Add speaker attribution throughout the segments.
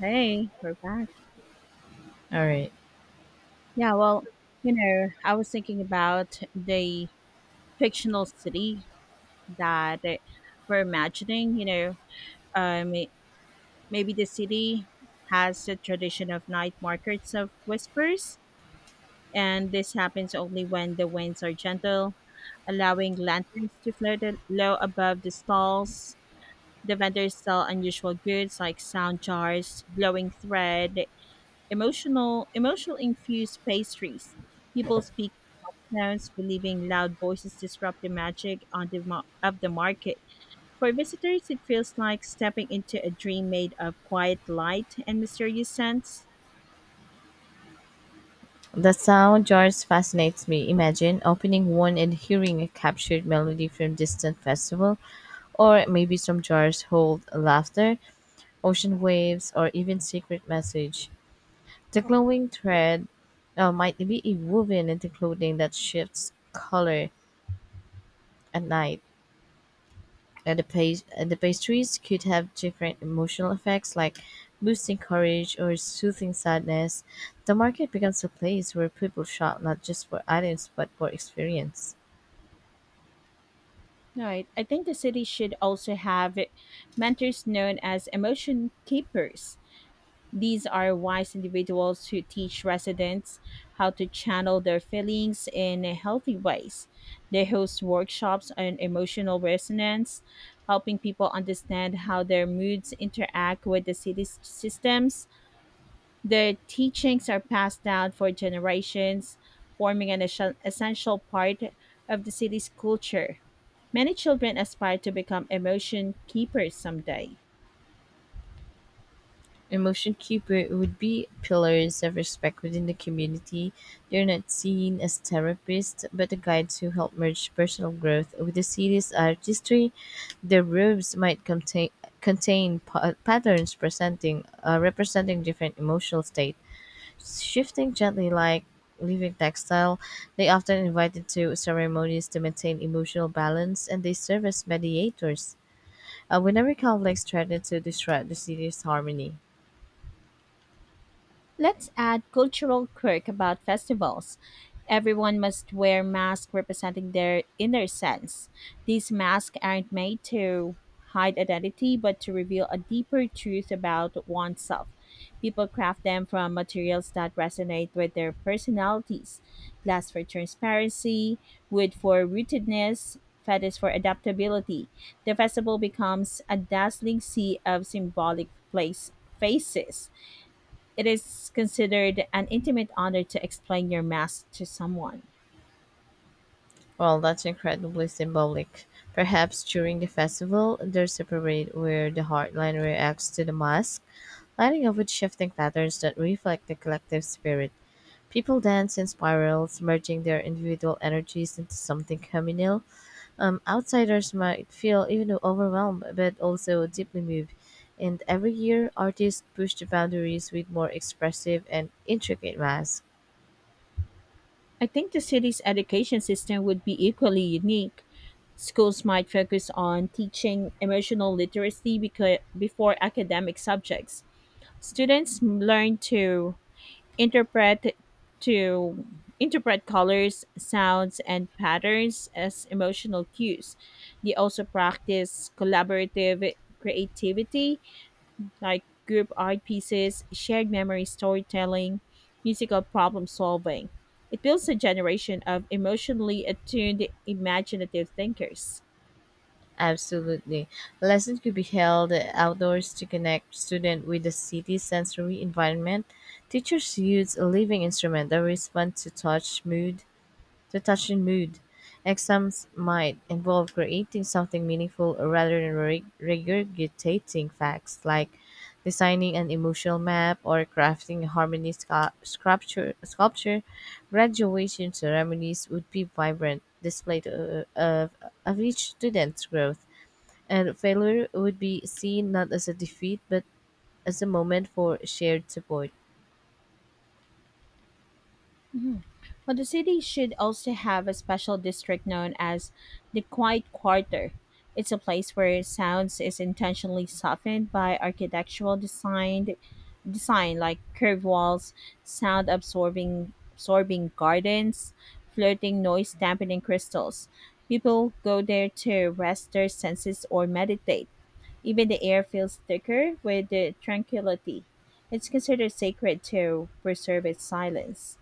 Speaker 1: Hey, we're back.
Speaker 2: All right.
Speaker 1: Yeah, well, I was thinking about the fictional city that we're imagining. Um, Maybe the city has a tradition of night markets of whispers, and this happens only when the winds are gentle, allowing lanterns to float low above the stalls. The vendors sell unusual goods like sound jars, glowing thread, emotional infused pastries. People speak sounds, believing loud voices disrupt the magic on the of the market. For visitors, it feels like stepping into a dream made of quiet light and mysterious scents.
Speaker 2: The sound jars fascinates me. Imagine opening one and hearing a captured melody from distant festival, or maybe some jars hold laughter, ocean waves, or even secret message. The glowing thread might be woven into clothing that shifts color at night. And the pastries could have different emotional effects like boosting courage or soothing sadness. The market becomes a place where people shop not just for items but for experience.
Speaker 1: Right. I think the city should also have mentors known as emotion keepers. These are wise individuals who teach residents how to channel their feelings in healthy ways. They host workshops on emotional resonance, helping people understand how their moods interact with the city's systems. Their teachings are passed down for generations, forming an essential part of the city's culture. Many children aspire to become emotion keepers someday.
Speaker 2: Emotion Keeper would be pillars of respect within the community. They're not seen as therapists, but the guides who help merge personal growth with the city's artistry. The robes might patterns presenting representing different emotional states, shifting gently like living textile. They often invited to ceremonies to maintain emotional balance, and they serve as mediators whenever conflicts threaten to disrupt the city's harmony.
Speaker 1: Let's add cultural quirk about festivals. Everyone must wear masks representing their inner sense. These masks aren't made to hide identity but to reveal a deeper truth about oneself. People craft them from materials that resonate with their personalities. Glass for transparency, wood for rootedness, feathers for adaptability. The festival becomes a dazzling sea of symbolic place faces. It is considered an intimate honor to explain your mask to someone.
Speaker 2: Well, that's incredibly symbolic. Perhaps during the festival there's a parade where the heartline reacts to the mask, lighting up with shifting patterns that reflect the collective spirit. People dance in spirals, merging their individual energies into something communal. Outsiders might feel even overwhelmed, but also deeply moved. And every year, artists push the boundaries with more expressive and intricate masks.
Speaker 1: I think the city's education system would be equally unique. Schools might focus on teaching emotional literacy before academic subjects. Students learn to interpret to interpret colors, sounds, and patterns as emotional cues. They also practice collaborative creativity like group art pieces, shared memory storytelling, musical problem solving. It builds a generation of emotionally attuned, imaginative thinkers.
Speaker 2: Absolutely. Lessons could be held outdoors to connect students with the city's sensory environment. Teachers use a living instrument that responds to to touch and mood. Exams might involve creating something meaningful rather than regurgitating facts, like designing an emotional map or crafting a harmony sculpture. Graduation ceremonies would be vibrant of each student's growth, and failure would be seen not as a defeat but as a moment for shared support.
Speaker 1: Mhm. Well, the city should also have a special district known as the Quiet Quarter. It's a place where sounds is intentionally softened by architectural design like curved walls, sound absorbing gardens, floating noise dampening crystals. People go there to rest their senses or meditate. Even the air feels thicker with the tranquility. It's considered sacred to preserve its silence.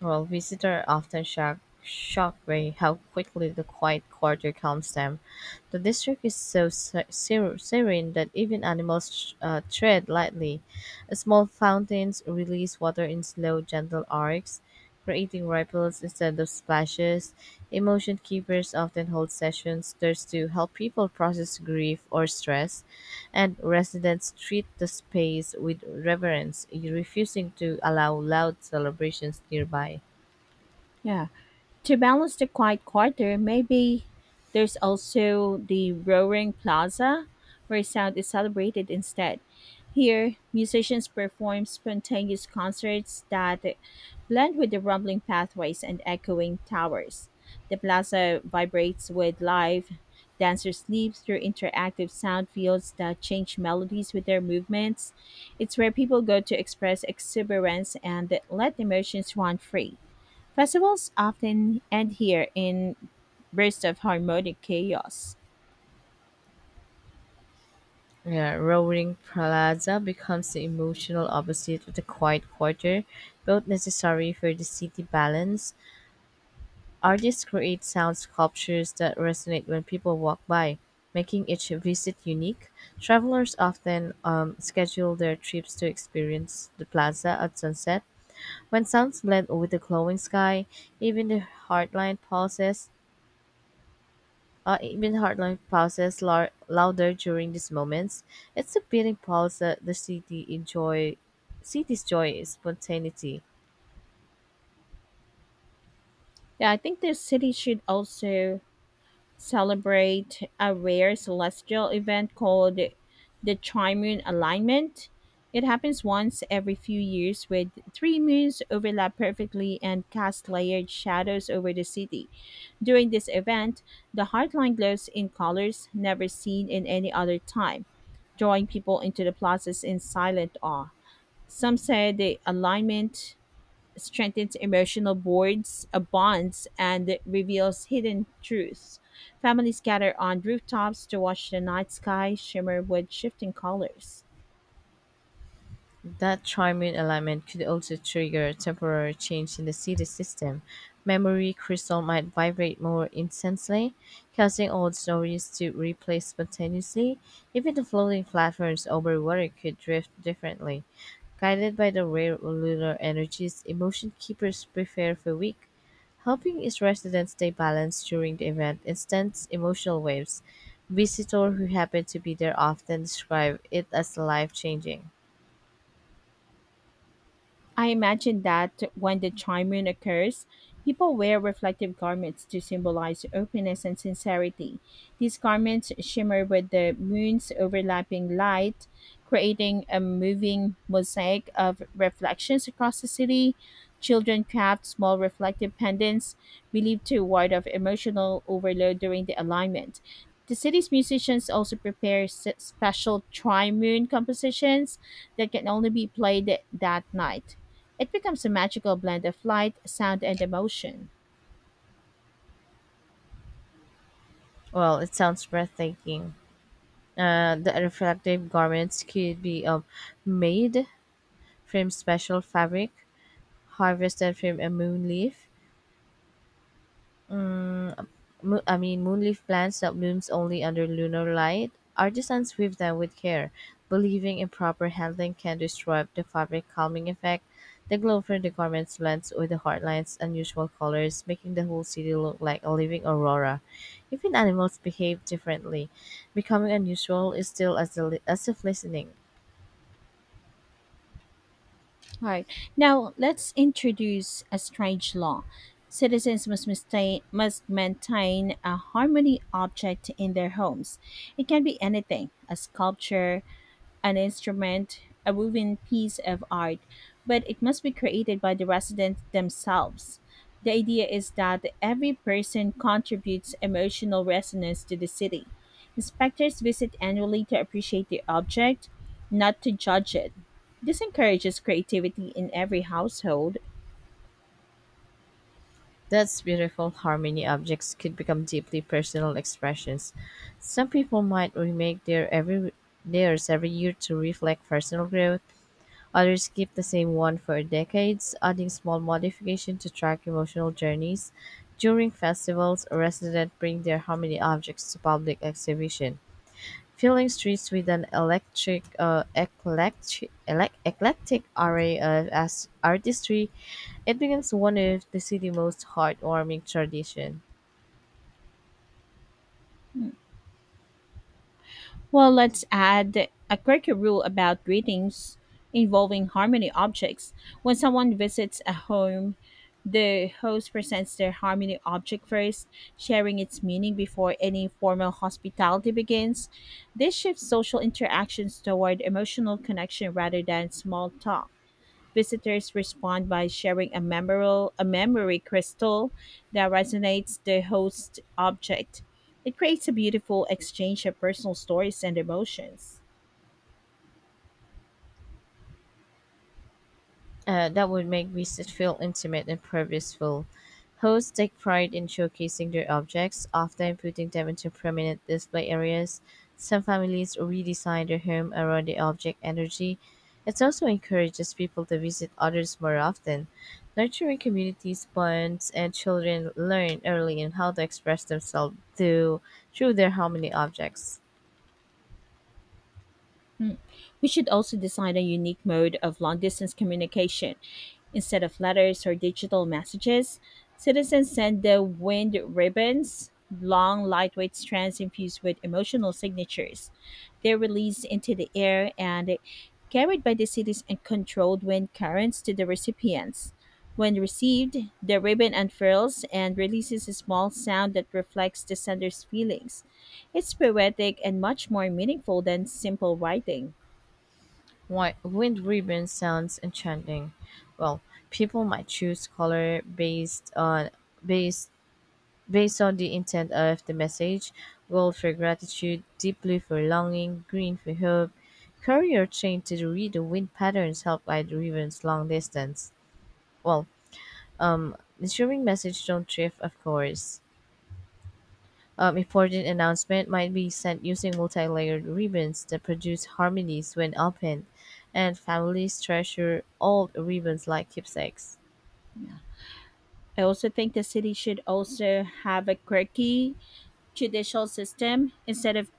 Speaker 2: Well, visitors often shocked by how quickly the quiet quarter calms them. The district is so serene that even animals tread lightly. Small fountains release water in slow, gentle arcs, creating ripples instead of splashes. Emotion keepers often hold sessions just to help people process grief or stress, and residents treat the space with reverence, refusing to allow loud celebrations nearby.
Speaker 1: Yeah. To balance the quiet quarter, maybe there's also the roaring plaza where sound is celebrated instead. Here, musicians perform spontaneous concerts that blend with the rumbling pathways and echoing towers. The plaza vibrates with life. Dancers leap through interactive sound fields that change melodies with their movements. It's where people go to express exuberance and let emotions run free. Festivals often end here in bursts of harmonic chaos.
Speaker 2: Yeah, roaring plaza becomes the emotional opposite of the quiet quarter, both necessary for the city balance. Artists create sound sculptures that resonate when people walk by, making each visit unique. Travelers often schedule their trips to experience the plaza at sunset. When sounds blend with the glowing sky, even the heartline pauses. Heartline pauses louder during these moments. It's a beating pulse that the city's joy is spontaneity.
Speaker 1: Yeah, I think this city should also celebrate a rare celestial event called the Trimoon Alignment. It happens once every few years with three moons overlap perfectly and cast layered shadows over the city. During this event, the Heartline glows in colors never seen in any other time, drawing people into the plazas in silent awe. Some say the alignment strengthens emotional bonds and reveals hidden truths. Families gather on rooftops to watch the night sky shimmer with shifting colors.
Speaker 2: That trimming alignment could also trigger a temporary change in the city system. Memory crystal might vibrate more intensely, causing old stories to replay spontaneously. Even the floating platforms over water could drift differently. Guided by the rare lunar energies, emotion keepers prepare for week, helping its residents stay balanced during the event instead emotional waves. Visitors who happen to be there often describe it as life changing.
Speaker 1: I imagine that when the Chai Moon occurs, people wear reflective garments to symbolize openness and sincerity. These garments shimmer with the moon's overlapping light, creating a moving mosaic of reflections across the city. Children craft small reflective pendants believed to ward off emotional overload during the alignment. The city's musicians also prepare special tri moon compositions that can only be played that night. It becomes a magical blend of light, sound, and emotion.
Speaker 2: Well, it sounds breathtaking. The reflective garments could be made from special fabric harvested from a moon leaf. Mm, I mean, moonleaf plants that blooms only under lunar light. Artisans weave them with care, believing improper handling can disrupt the fabric calming effect. The glow from the garments blends with the heartline's unusual colors, making the whole city look like a living aurora. Even animals behave differently, becoming unusual is still as, as if listening.
Speaker 1: All right. Now let's introduce a strange law. Citizens must maintain a harmony object in their homes. It can be anything, a sculpture, an instrument, a moving piece of art, but it must be created by the residents themselves. The idea is that every person contributes emotional resonance to the city. Inspectors visit annually to appreciate the object, not to judge it. This encourages creativity in every household.
Speaker 2: That's beautiful how many objects could become deeply personal expressions. Some people might remake theirs every year to reflect personal growth. Others keep the same one for decades, adding small modification to track emotional journeys. During festivals, residents bring their harmony objects to public exhibition, filling streets with an eclectic array of artistry. It becomes one of the city's most heartwarming tradition.
Speaker 1: Well, let's add a quirky rule about greetings involving harmony objects. When someone visits a home, the host presents their harmony object first, sharing its meaning before any formal hospitality begins. This shifts social interactions toward emotional connection rather than small talk. Visitors respond by sharing a memory crystal that resonates the host object. It creates a beautiful exchange of personal stories and emotions.
Speaker 2: That would make visits feel intimate and purposeful. Hosts take pride in showcasing their objects, often putting them into prominent display areas. Some families redesign their home around the object energy. It also encourages people to visit others more often, nurturing communities bonds, and children learn early in how to express themselves through their homely objects.
Speaker 1: Mm. We should also design a unique mode of long distance communication. Instead of letters or digital messages, citizens send the wind ribbons, long, lightweight strands infused with emotional signatures. They're released into the air and carried by the city's and controlled wind currents to the recipients. When received, the ribbon unfurls and releases a small sound that reflects the sender's feelings. It's poetic and much more meaningful than simple writing.
Speaker 2: Why Wind Ribbon sounds enchanting. Well, people might choose color based based on the intent of the message. Gold for gratitude, deep blue for longing, green for hope. Courier trained to read the wind patterns help guide the ribbon's long distance. Well, ensuring message don't drift, of course. Important announcement might be sent using multi-layered ribbons that produce harmonies when opened, and families treasure old ribbons like keepsakes.
Speaker 1: I also think the city should also have a quirky judicial system instead of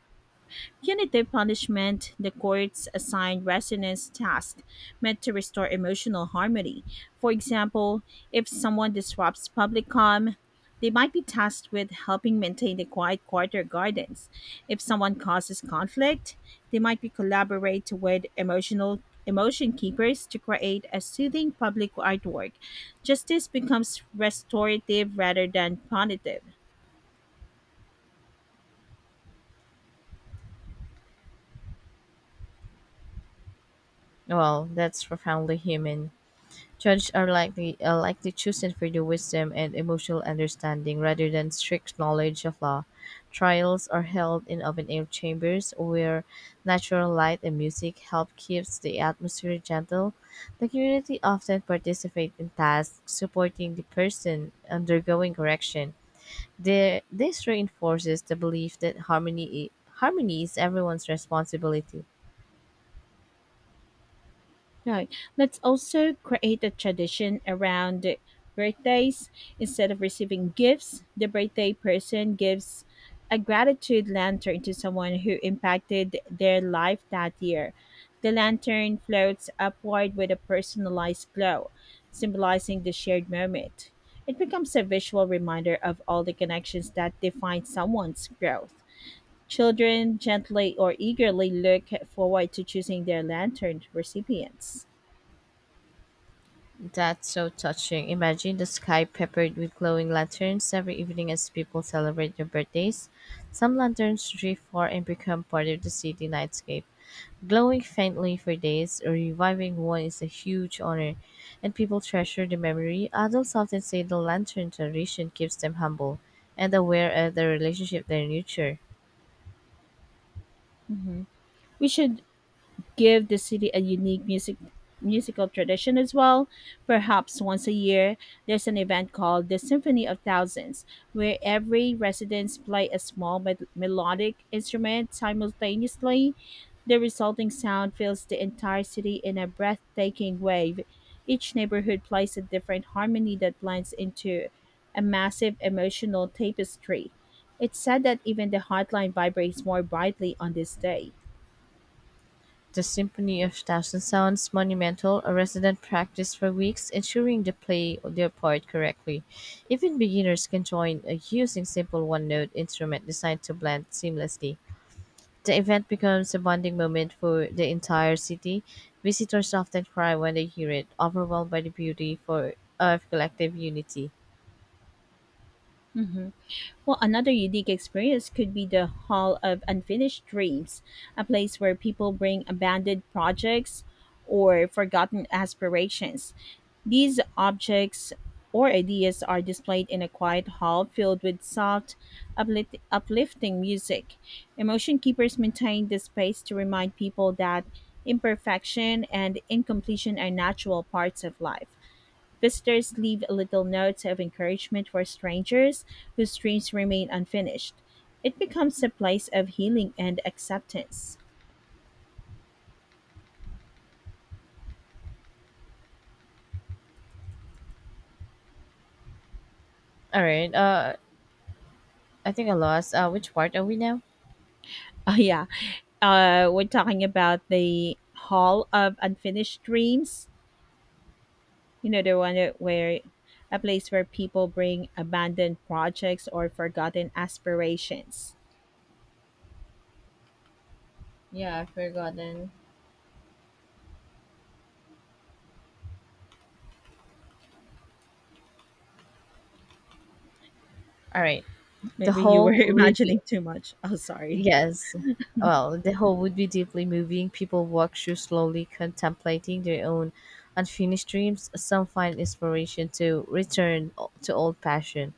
Speaker 1: Punitive punishment, the courts assign resonance tasks meant to restore emotional harmony. For example, if someone disrupts public calm, they might be tasked with helping maintain the quiet quarter gardens. If someone causes conflict, they might be collaborate with emotion keepers to create a soothing public artwork. Justice becomes restorative rather than punitive.
Speaker 2: Well, that's profoundly human. Judges are likely chosen for their wisdom and emotional understanding rather than strict knowledge of law. Trials are held in open-air chambers where natural light and music help keeps the atmosphere gentle. The community often participate in tasks supporting the person undergoing correction. This reinforces the belief that harmony is everyone's responsibility.
Speaker 1: Right. Let's also create a tradition around birthdays. Instead of receiving gifts, the birthday person gives a gratitude lantern to someone who impacted their life that year. The lantern floats upward with a personalized glow, symbolizing the shared moment. It becomes a visual reminder of all the connections that define someone's growth. Children gently or eagerly look forward to choosing their lantern recipients.
Speaker 2: That's so touching. Imagine the sky peppered with glowing lanterns every evening as people celebrate their birthdays. Some lanterns drift far and become part of the city nightscape, glowing faintly for days. Reviving one is a huge honor, and people treasure the memory. Adults often say the lantern tradition keeps them humble and aware of the relationship they nurture.
Speaker 1: Mhm. We should give the city a unique musical tradition as well. Perhaps once a year, there's an event called the Symphony of Thousands, where every residents play a small melodic instrument simultaneously. The resulting sound fills the entire city in a breathtaking wave. Each neighborhood plays a different harmony that blends into a massive emotional tapestry. It's said that even the hotline vibrates more brightly on this day.
Speaker 2: The Symphony of Thousand Sounds Monumental, a resident practiced for weeks, ensuring they play their part correctly. Even beginners can join using simple one-note instrument designed to blend seamlessly. The event becomes a bonding moment for the entire city. Visitors often cry when they hear it, overwhelmed by the beauty for of collective unity.
Speaker 1: Hmm. Well, another unique experience could be the Hall of Unfinished Dreams, a place where people bring abandoned projects or forgotten aspirations. These objects or ideas are displayed in a quiet hall filled with soft, uplifting music. Emotion keepers maintain this space to remind people that imperfection and incompletion are natural parts of life. Visitors leave little notes of encouragement for strangers whose dreams remain unfinished. It becomes a place of healing and acceptance.
Speaker 2: All right, I think I lost. Which part are we now?
Speaker 1: Oh, yeah. We're talking about the Hall of Unfinished Dreams. You know, the one where a place where people bring abandoned projects or forgotten aspirations.
Speaker 2: Yeah, I've forgotten. All right, the
Speaker 1: Maybe you were
Speaker 2: whole would be.
Speaker 1: imagining too much. Oh, sorry.
Speaker 2: Yes. Well, the whole would be deeply moving. People walk through slowly contemplating their own unfinished dreams. Some find inspiration to return to old passion.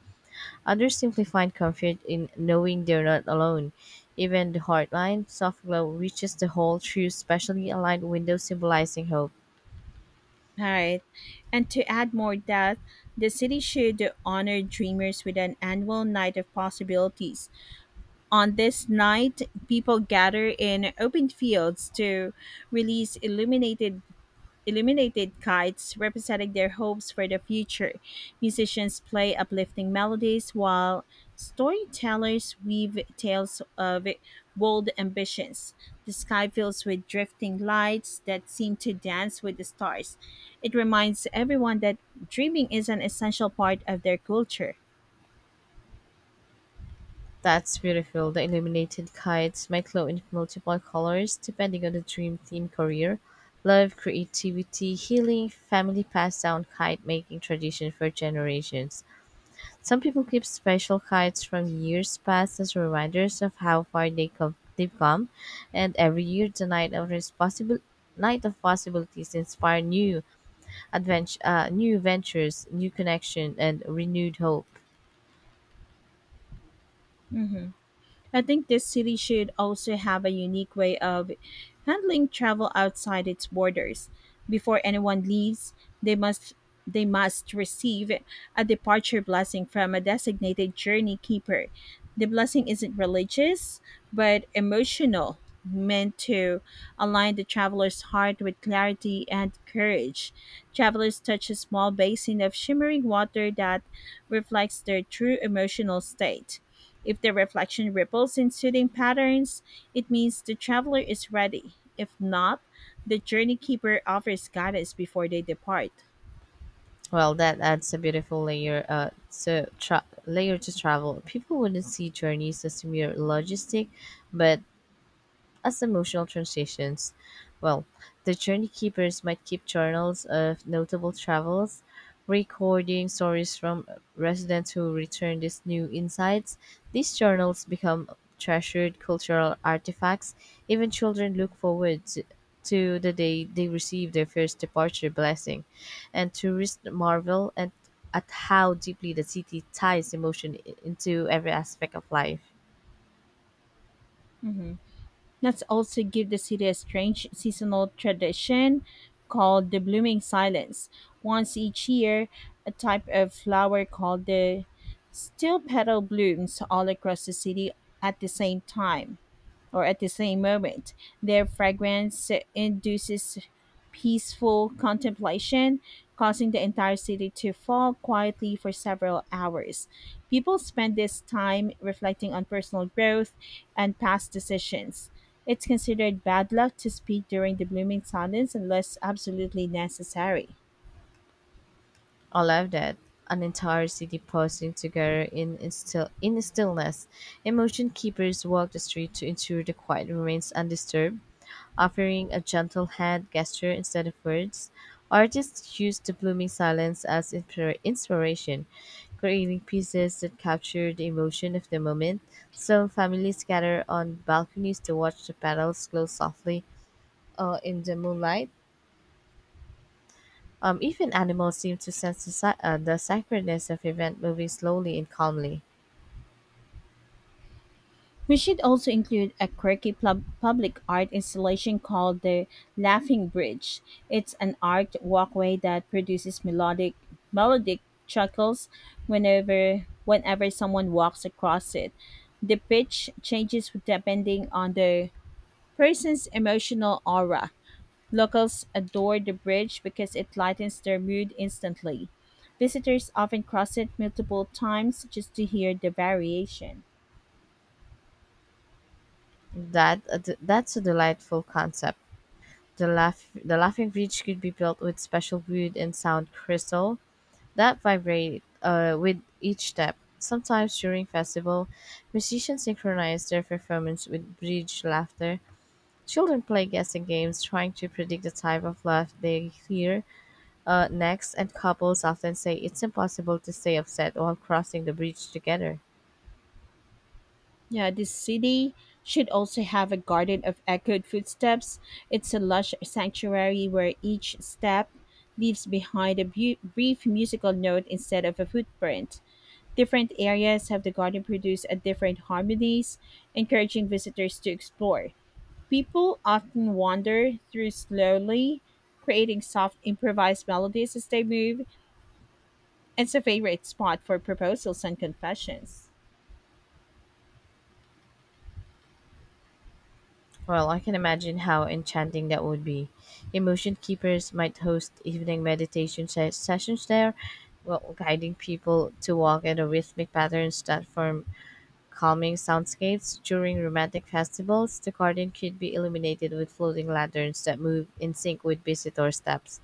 Speaker 2: Others simply find comfort in knowing they're not alone. Even the hardline soft glow reaches the hall through specially aligned windows symbolizing hope.
Speaker 1: Right. And to add more depth, the city should honor dreamers with an annual night of possibilities. On this night, people gather in open fields to release illuminated kites representing their hopes for the future. Musicians play uplifting melodies while storytellers weave tales of bold ambitions. The sky fills with drifting lights that seem to dance with the stars. It reminds everyone that dreaming is an essential part of their culture.
Speaker 2: That's beautiful. The illuminated kites might glow in multiple colors depending on the dream theme career, love, creativity, healing, family passed down kite making tradition for generations. Some people keep special kites from years past as reminders of how they've come, and every year the night of responsible night of possibilities inspire new new ventures, new connection, and renewed hope.
Speaker 1: I think this city should also have a unique way of handling travel outside its borders. Before anyone leaves, they must they must receive a departure blessing from a designated journey keeper. The blessing isn't religious, but emotional, meant to align the traveler's heart with clarity and courage. Travelers touch a small basin of shimmering water that reflects their true emotional state. If the reflection ripples in soothing patterns, it means the traveler is ready. If not, the journey keeper offers guidance before they depart.
Speaker 2: Well, that adds a beautiful layer to travel. People wouldn't see journeys as mere logistic, but as emotional transitions. Well, the journey keepers might keep journals of notable travels, recording stories from residents who return these new insights. These journals become treasured cultural artifacts. Even children to the day they receive their first departure blessing, and tourists at how deeply the city ties emotion into every aspect of life.
Speaker 1: Let's also give the city a strange seasonal tradition called the blooming silence. Once each year, a type of flower called the steel petal blooms all across the city at the same time. Or at the same moment. Their fragrance induces peaceful contemplation, causing the entire city to fall quietly for several hours. People spend this time reflecting on personal growth and past decisions. It's considered bad luck to speak during the blooming silence unless absolutely necessary.
Speaker 2: I love that. An entire city posing together in stillness. Emotion keepers walk the street to ensure the quiet remains undisturbed, offering a gentle hand gesture instead of words. Artists use the blooming silence as inspiration, creating pieces that capture the emotion of the moment. Some families gather on balconies to watch the petals glow softly in the moonlight. Even animals seem to sense the sacredness of event moving slowly and calmly.
Speaker 1: We should also include a quirky public art installation called the Laughing Bridge. It's an art walkway that produces melodic chuckles whenever someone walks across it. The pitch changes depending on the person's emotional aura. Locals adore the bridge because it lightens their mood instantly. Visitors often cross it multiple times just to hear the variation.
Speaker 2: That's a delightful concept. The laughing bridge could be built with special wood and sound crystal that vibrate with each step. Sometimes during festival, musicians synchronize their performance with bridge laughter. Children play guessing games, trying to predict the type of laugh they hear next, and couples often say it's impossible to stay upset while crossing the bridge together.
Speaker 1: Yeah, this city should also have a garden of echoed footsteps. It's a lush sanctuary where each step leaves behind a brief musical note instead of a footprint. Different areas have the garden produce a different harmonies, encouraging visitors to explore. People often wander through slowly, creating soft improvised melodies as they move. It's a favorite spot for proposals and confessions.
Speaker 2: Well, I can imagine how enchanting that would be. Emotion keepers might host evening meditation sessions there, well, guiding people to walk in a rhythmic patterns that form calming soundscapes. During romantic festivals, the garden could be illuminated with floating lanterns that move in sync with visitor steps.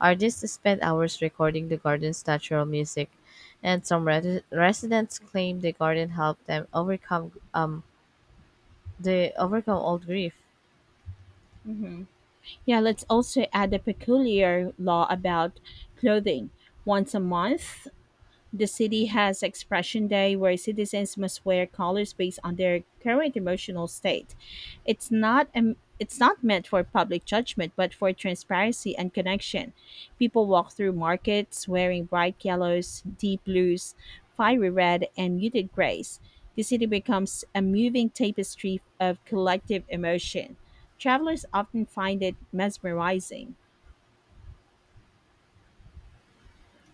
Speaker 2: Artists spend hours recording the garden's natural music, and some residents claim the garden helped them overcome they overcome old grief.
Speaker 1: Yeah, let's also add a peculiar law about clothing. Once a month, the city has Expression Day, where citizens must wear colors based on their current emotional state. It's not meant for public judgment, but for transparency and connection. People walk through markets wearing bright yellows, deep blues, fiery red, and muted grays. The city becomes a moving tapestry of collective emotion. Travelers often find it mesmerizing.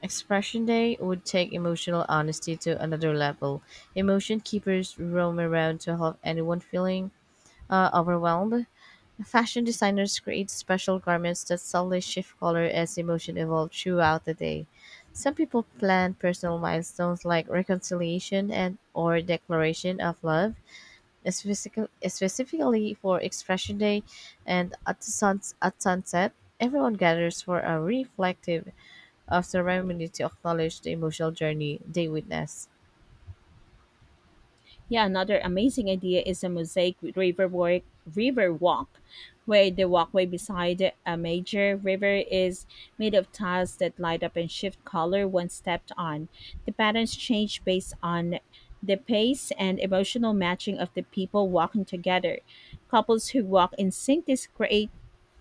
Speaker 2: Expression Day would take emotional honesty to another level. Emotion keepers roam around to help anyone feeling overwhelmed. Fashion designers create special garments that subtly shift color as emotion evolves throughout the day. Some people plan personal milestones like reconciliation and or declaration of love, specifically for Expression Day and at sunset. Everyone gathers for a reflective of ceremony to acknowledge the emotional journey they witness.
Speaker 1: Yeah, another amazing idea is a mosaic river walk, where the walkway beside a major river is made of tiles that light up and shift color when stepped on. The patterns change based on the pace and emotional matching of the people walking together. Couples who walk in sync create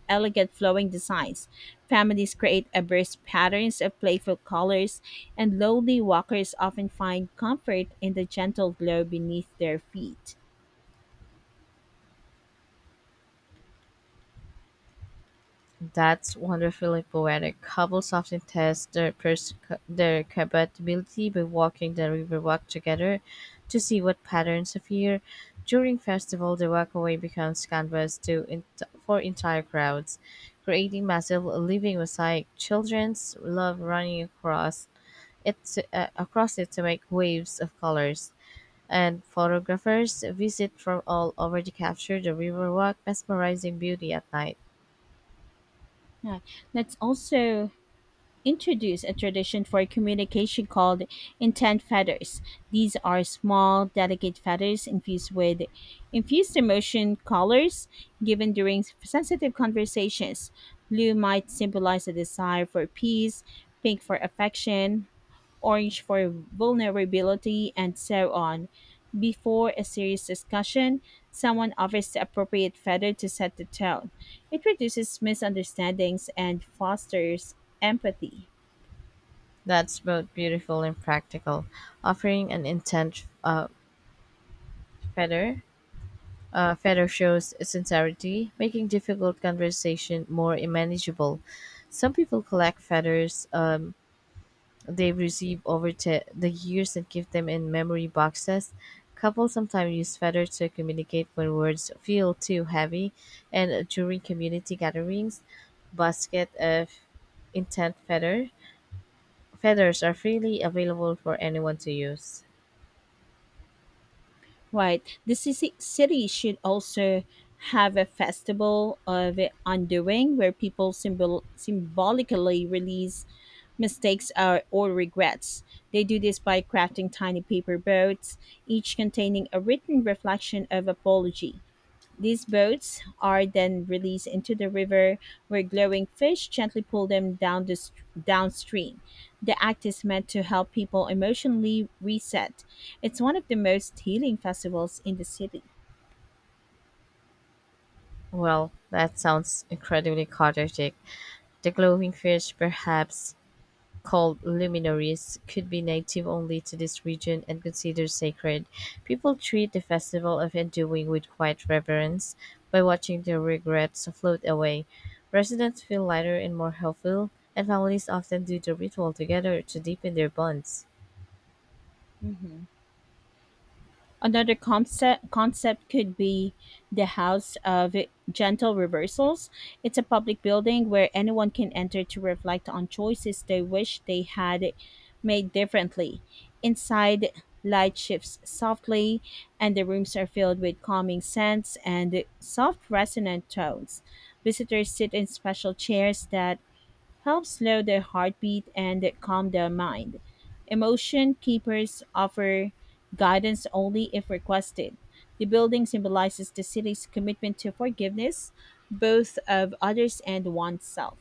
Speaker 1: elegant flowing designs. Families create abreast patterns of playful colors, and lonely walkers often find comfort in the gentle glow beneath their feet.
Speaker 2: That's wonderfully poetic. Couples often test their compatibility by walking the riverwalk together to see what patterns appear. During festival, the walkway becomes canvas for entire crowds, creating massive living mosaic. Childrens love running across it to make waves of colors. And photographers visit from all over to capture the riverwalk' mesmerizing beauty at night.
Speaker 1: Yeah. Let's also introduce a tradition for communication called intent feathers. These are small, delicate feathers infused emotion colors given during sensitive conversations. Blue might symbolize a desire for peace, pink for affection, Orange for vulnerability, and so on. Before a serious discussion, someone offers the appropriate feather to set the tone. It reduces misunderstandings and fosters empathy.
Speaker 2: That's both beautiful and practical. Offering an intent feather feather shows sincerity, making difficult conversation more manageable. Some people collect feathers they receive over the years and keep them in memory boxes. Couples sometimes use feathers to communicate when words feel too heavy, and during community gatherings, basket of intent feathers are freely available for anyone to use.
Speaker 1: Right. The city should also have a festival of undoing where people symbolically release mistakes or regrets. They do this by crafting tiny paper boats, each containing a written reflection of apology. These boats are then released into the river, where glowing fish gently pull them down downstream. The act is meant to help people emotionally reset. It's one of the most healing festivals in the city.
Speaker 2: Well, that sounds incredibly chaotic. The glowing fish, perhaps called luminaries, could be native only to this region and considered sacred. People treat the festival of undoing with quiet reverence by watching their regrets float away. Residents feel lighter and more hopeful, and families often do the ritual together to deepen their bonds.
Speaker 1: Hmm. Another concept could be the House of Gentle Reversals. It's a public building where anyone can enter to reflect on choices they wish they had made differently. Inside, light shifts softly, and the rooms are filled with calming scents and soft resonant tones. Visitors sit in special chairs that help slow their heartbeat and calm their mind. Emotion keepers offer guidance only if requested. The building symbolizes the city's commitment to forgiveness, both of others and oneself.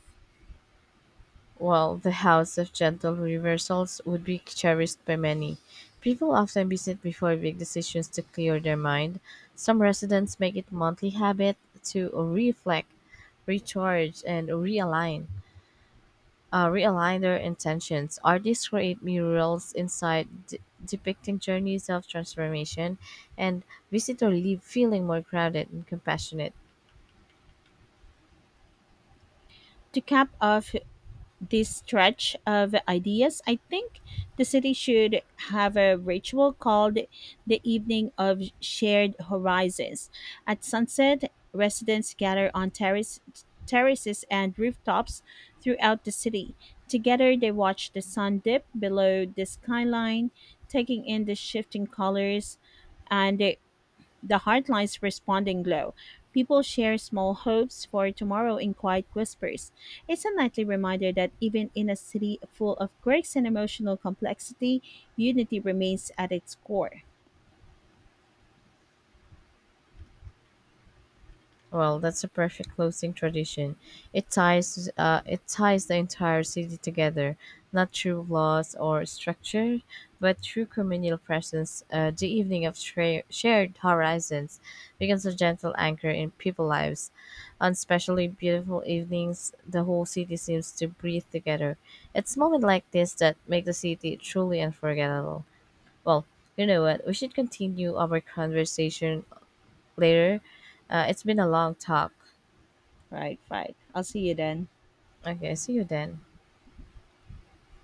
Speaker 2: While the House of Gentle Reversals would be cherished by many, people often visit before big decisions to clear their mind. Some residents make it monthly habit to reflect, recharge, and realign. Realign their intentions. Artists create murals inside depicting journeys of transformation, and visitors leave feeling more grounded and compassionate.
Speaker 1: To cap off this stretch of ideas, I think the city should have a ritual called the Evening of Shared Horizons. At sunset, residents gather on terraces and rooftops throughout the city. Together, they watch the sun dip below the skyline, taking in the shifting colors and the Heartline's responding glow. People share small hopes for tomorrow in quiet whispers. It's a nightly reminder that even in a city full of quirks and emotional complexity, unity remains at its core.
Speaker 2: Well, that's a perfect closing tradition. It ties the entire city together, not through laws or structure, but through communal presence. The evening of shared horizons becomes a gentle anchor in people's lives. On especially beautiful evenings, the whole city seems to breathe together. It's moments like this that make the city truly unforgettable. Well, you know what? We should continue our conversation later. It's been a long talk.
Speaker 1: Right. I'll see you then.
Speaker 2: Okay, see you then.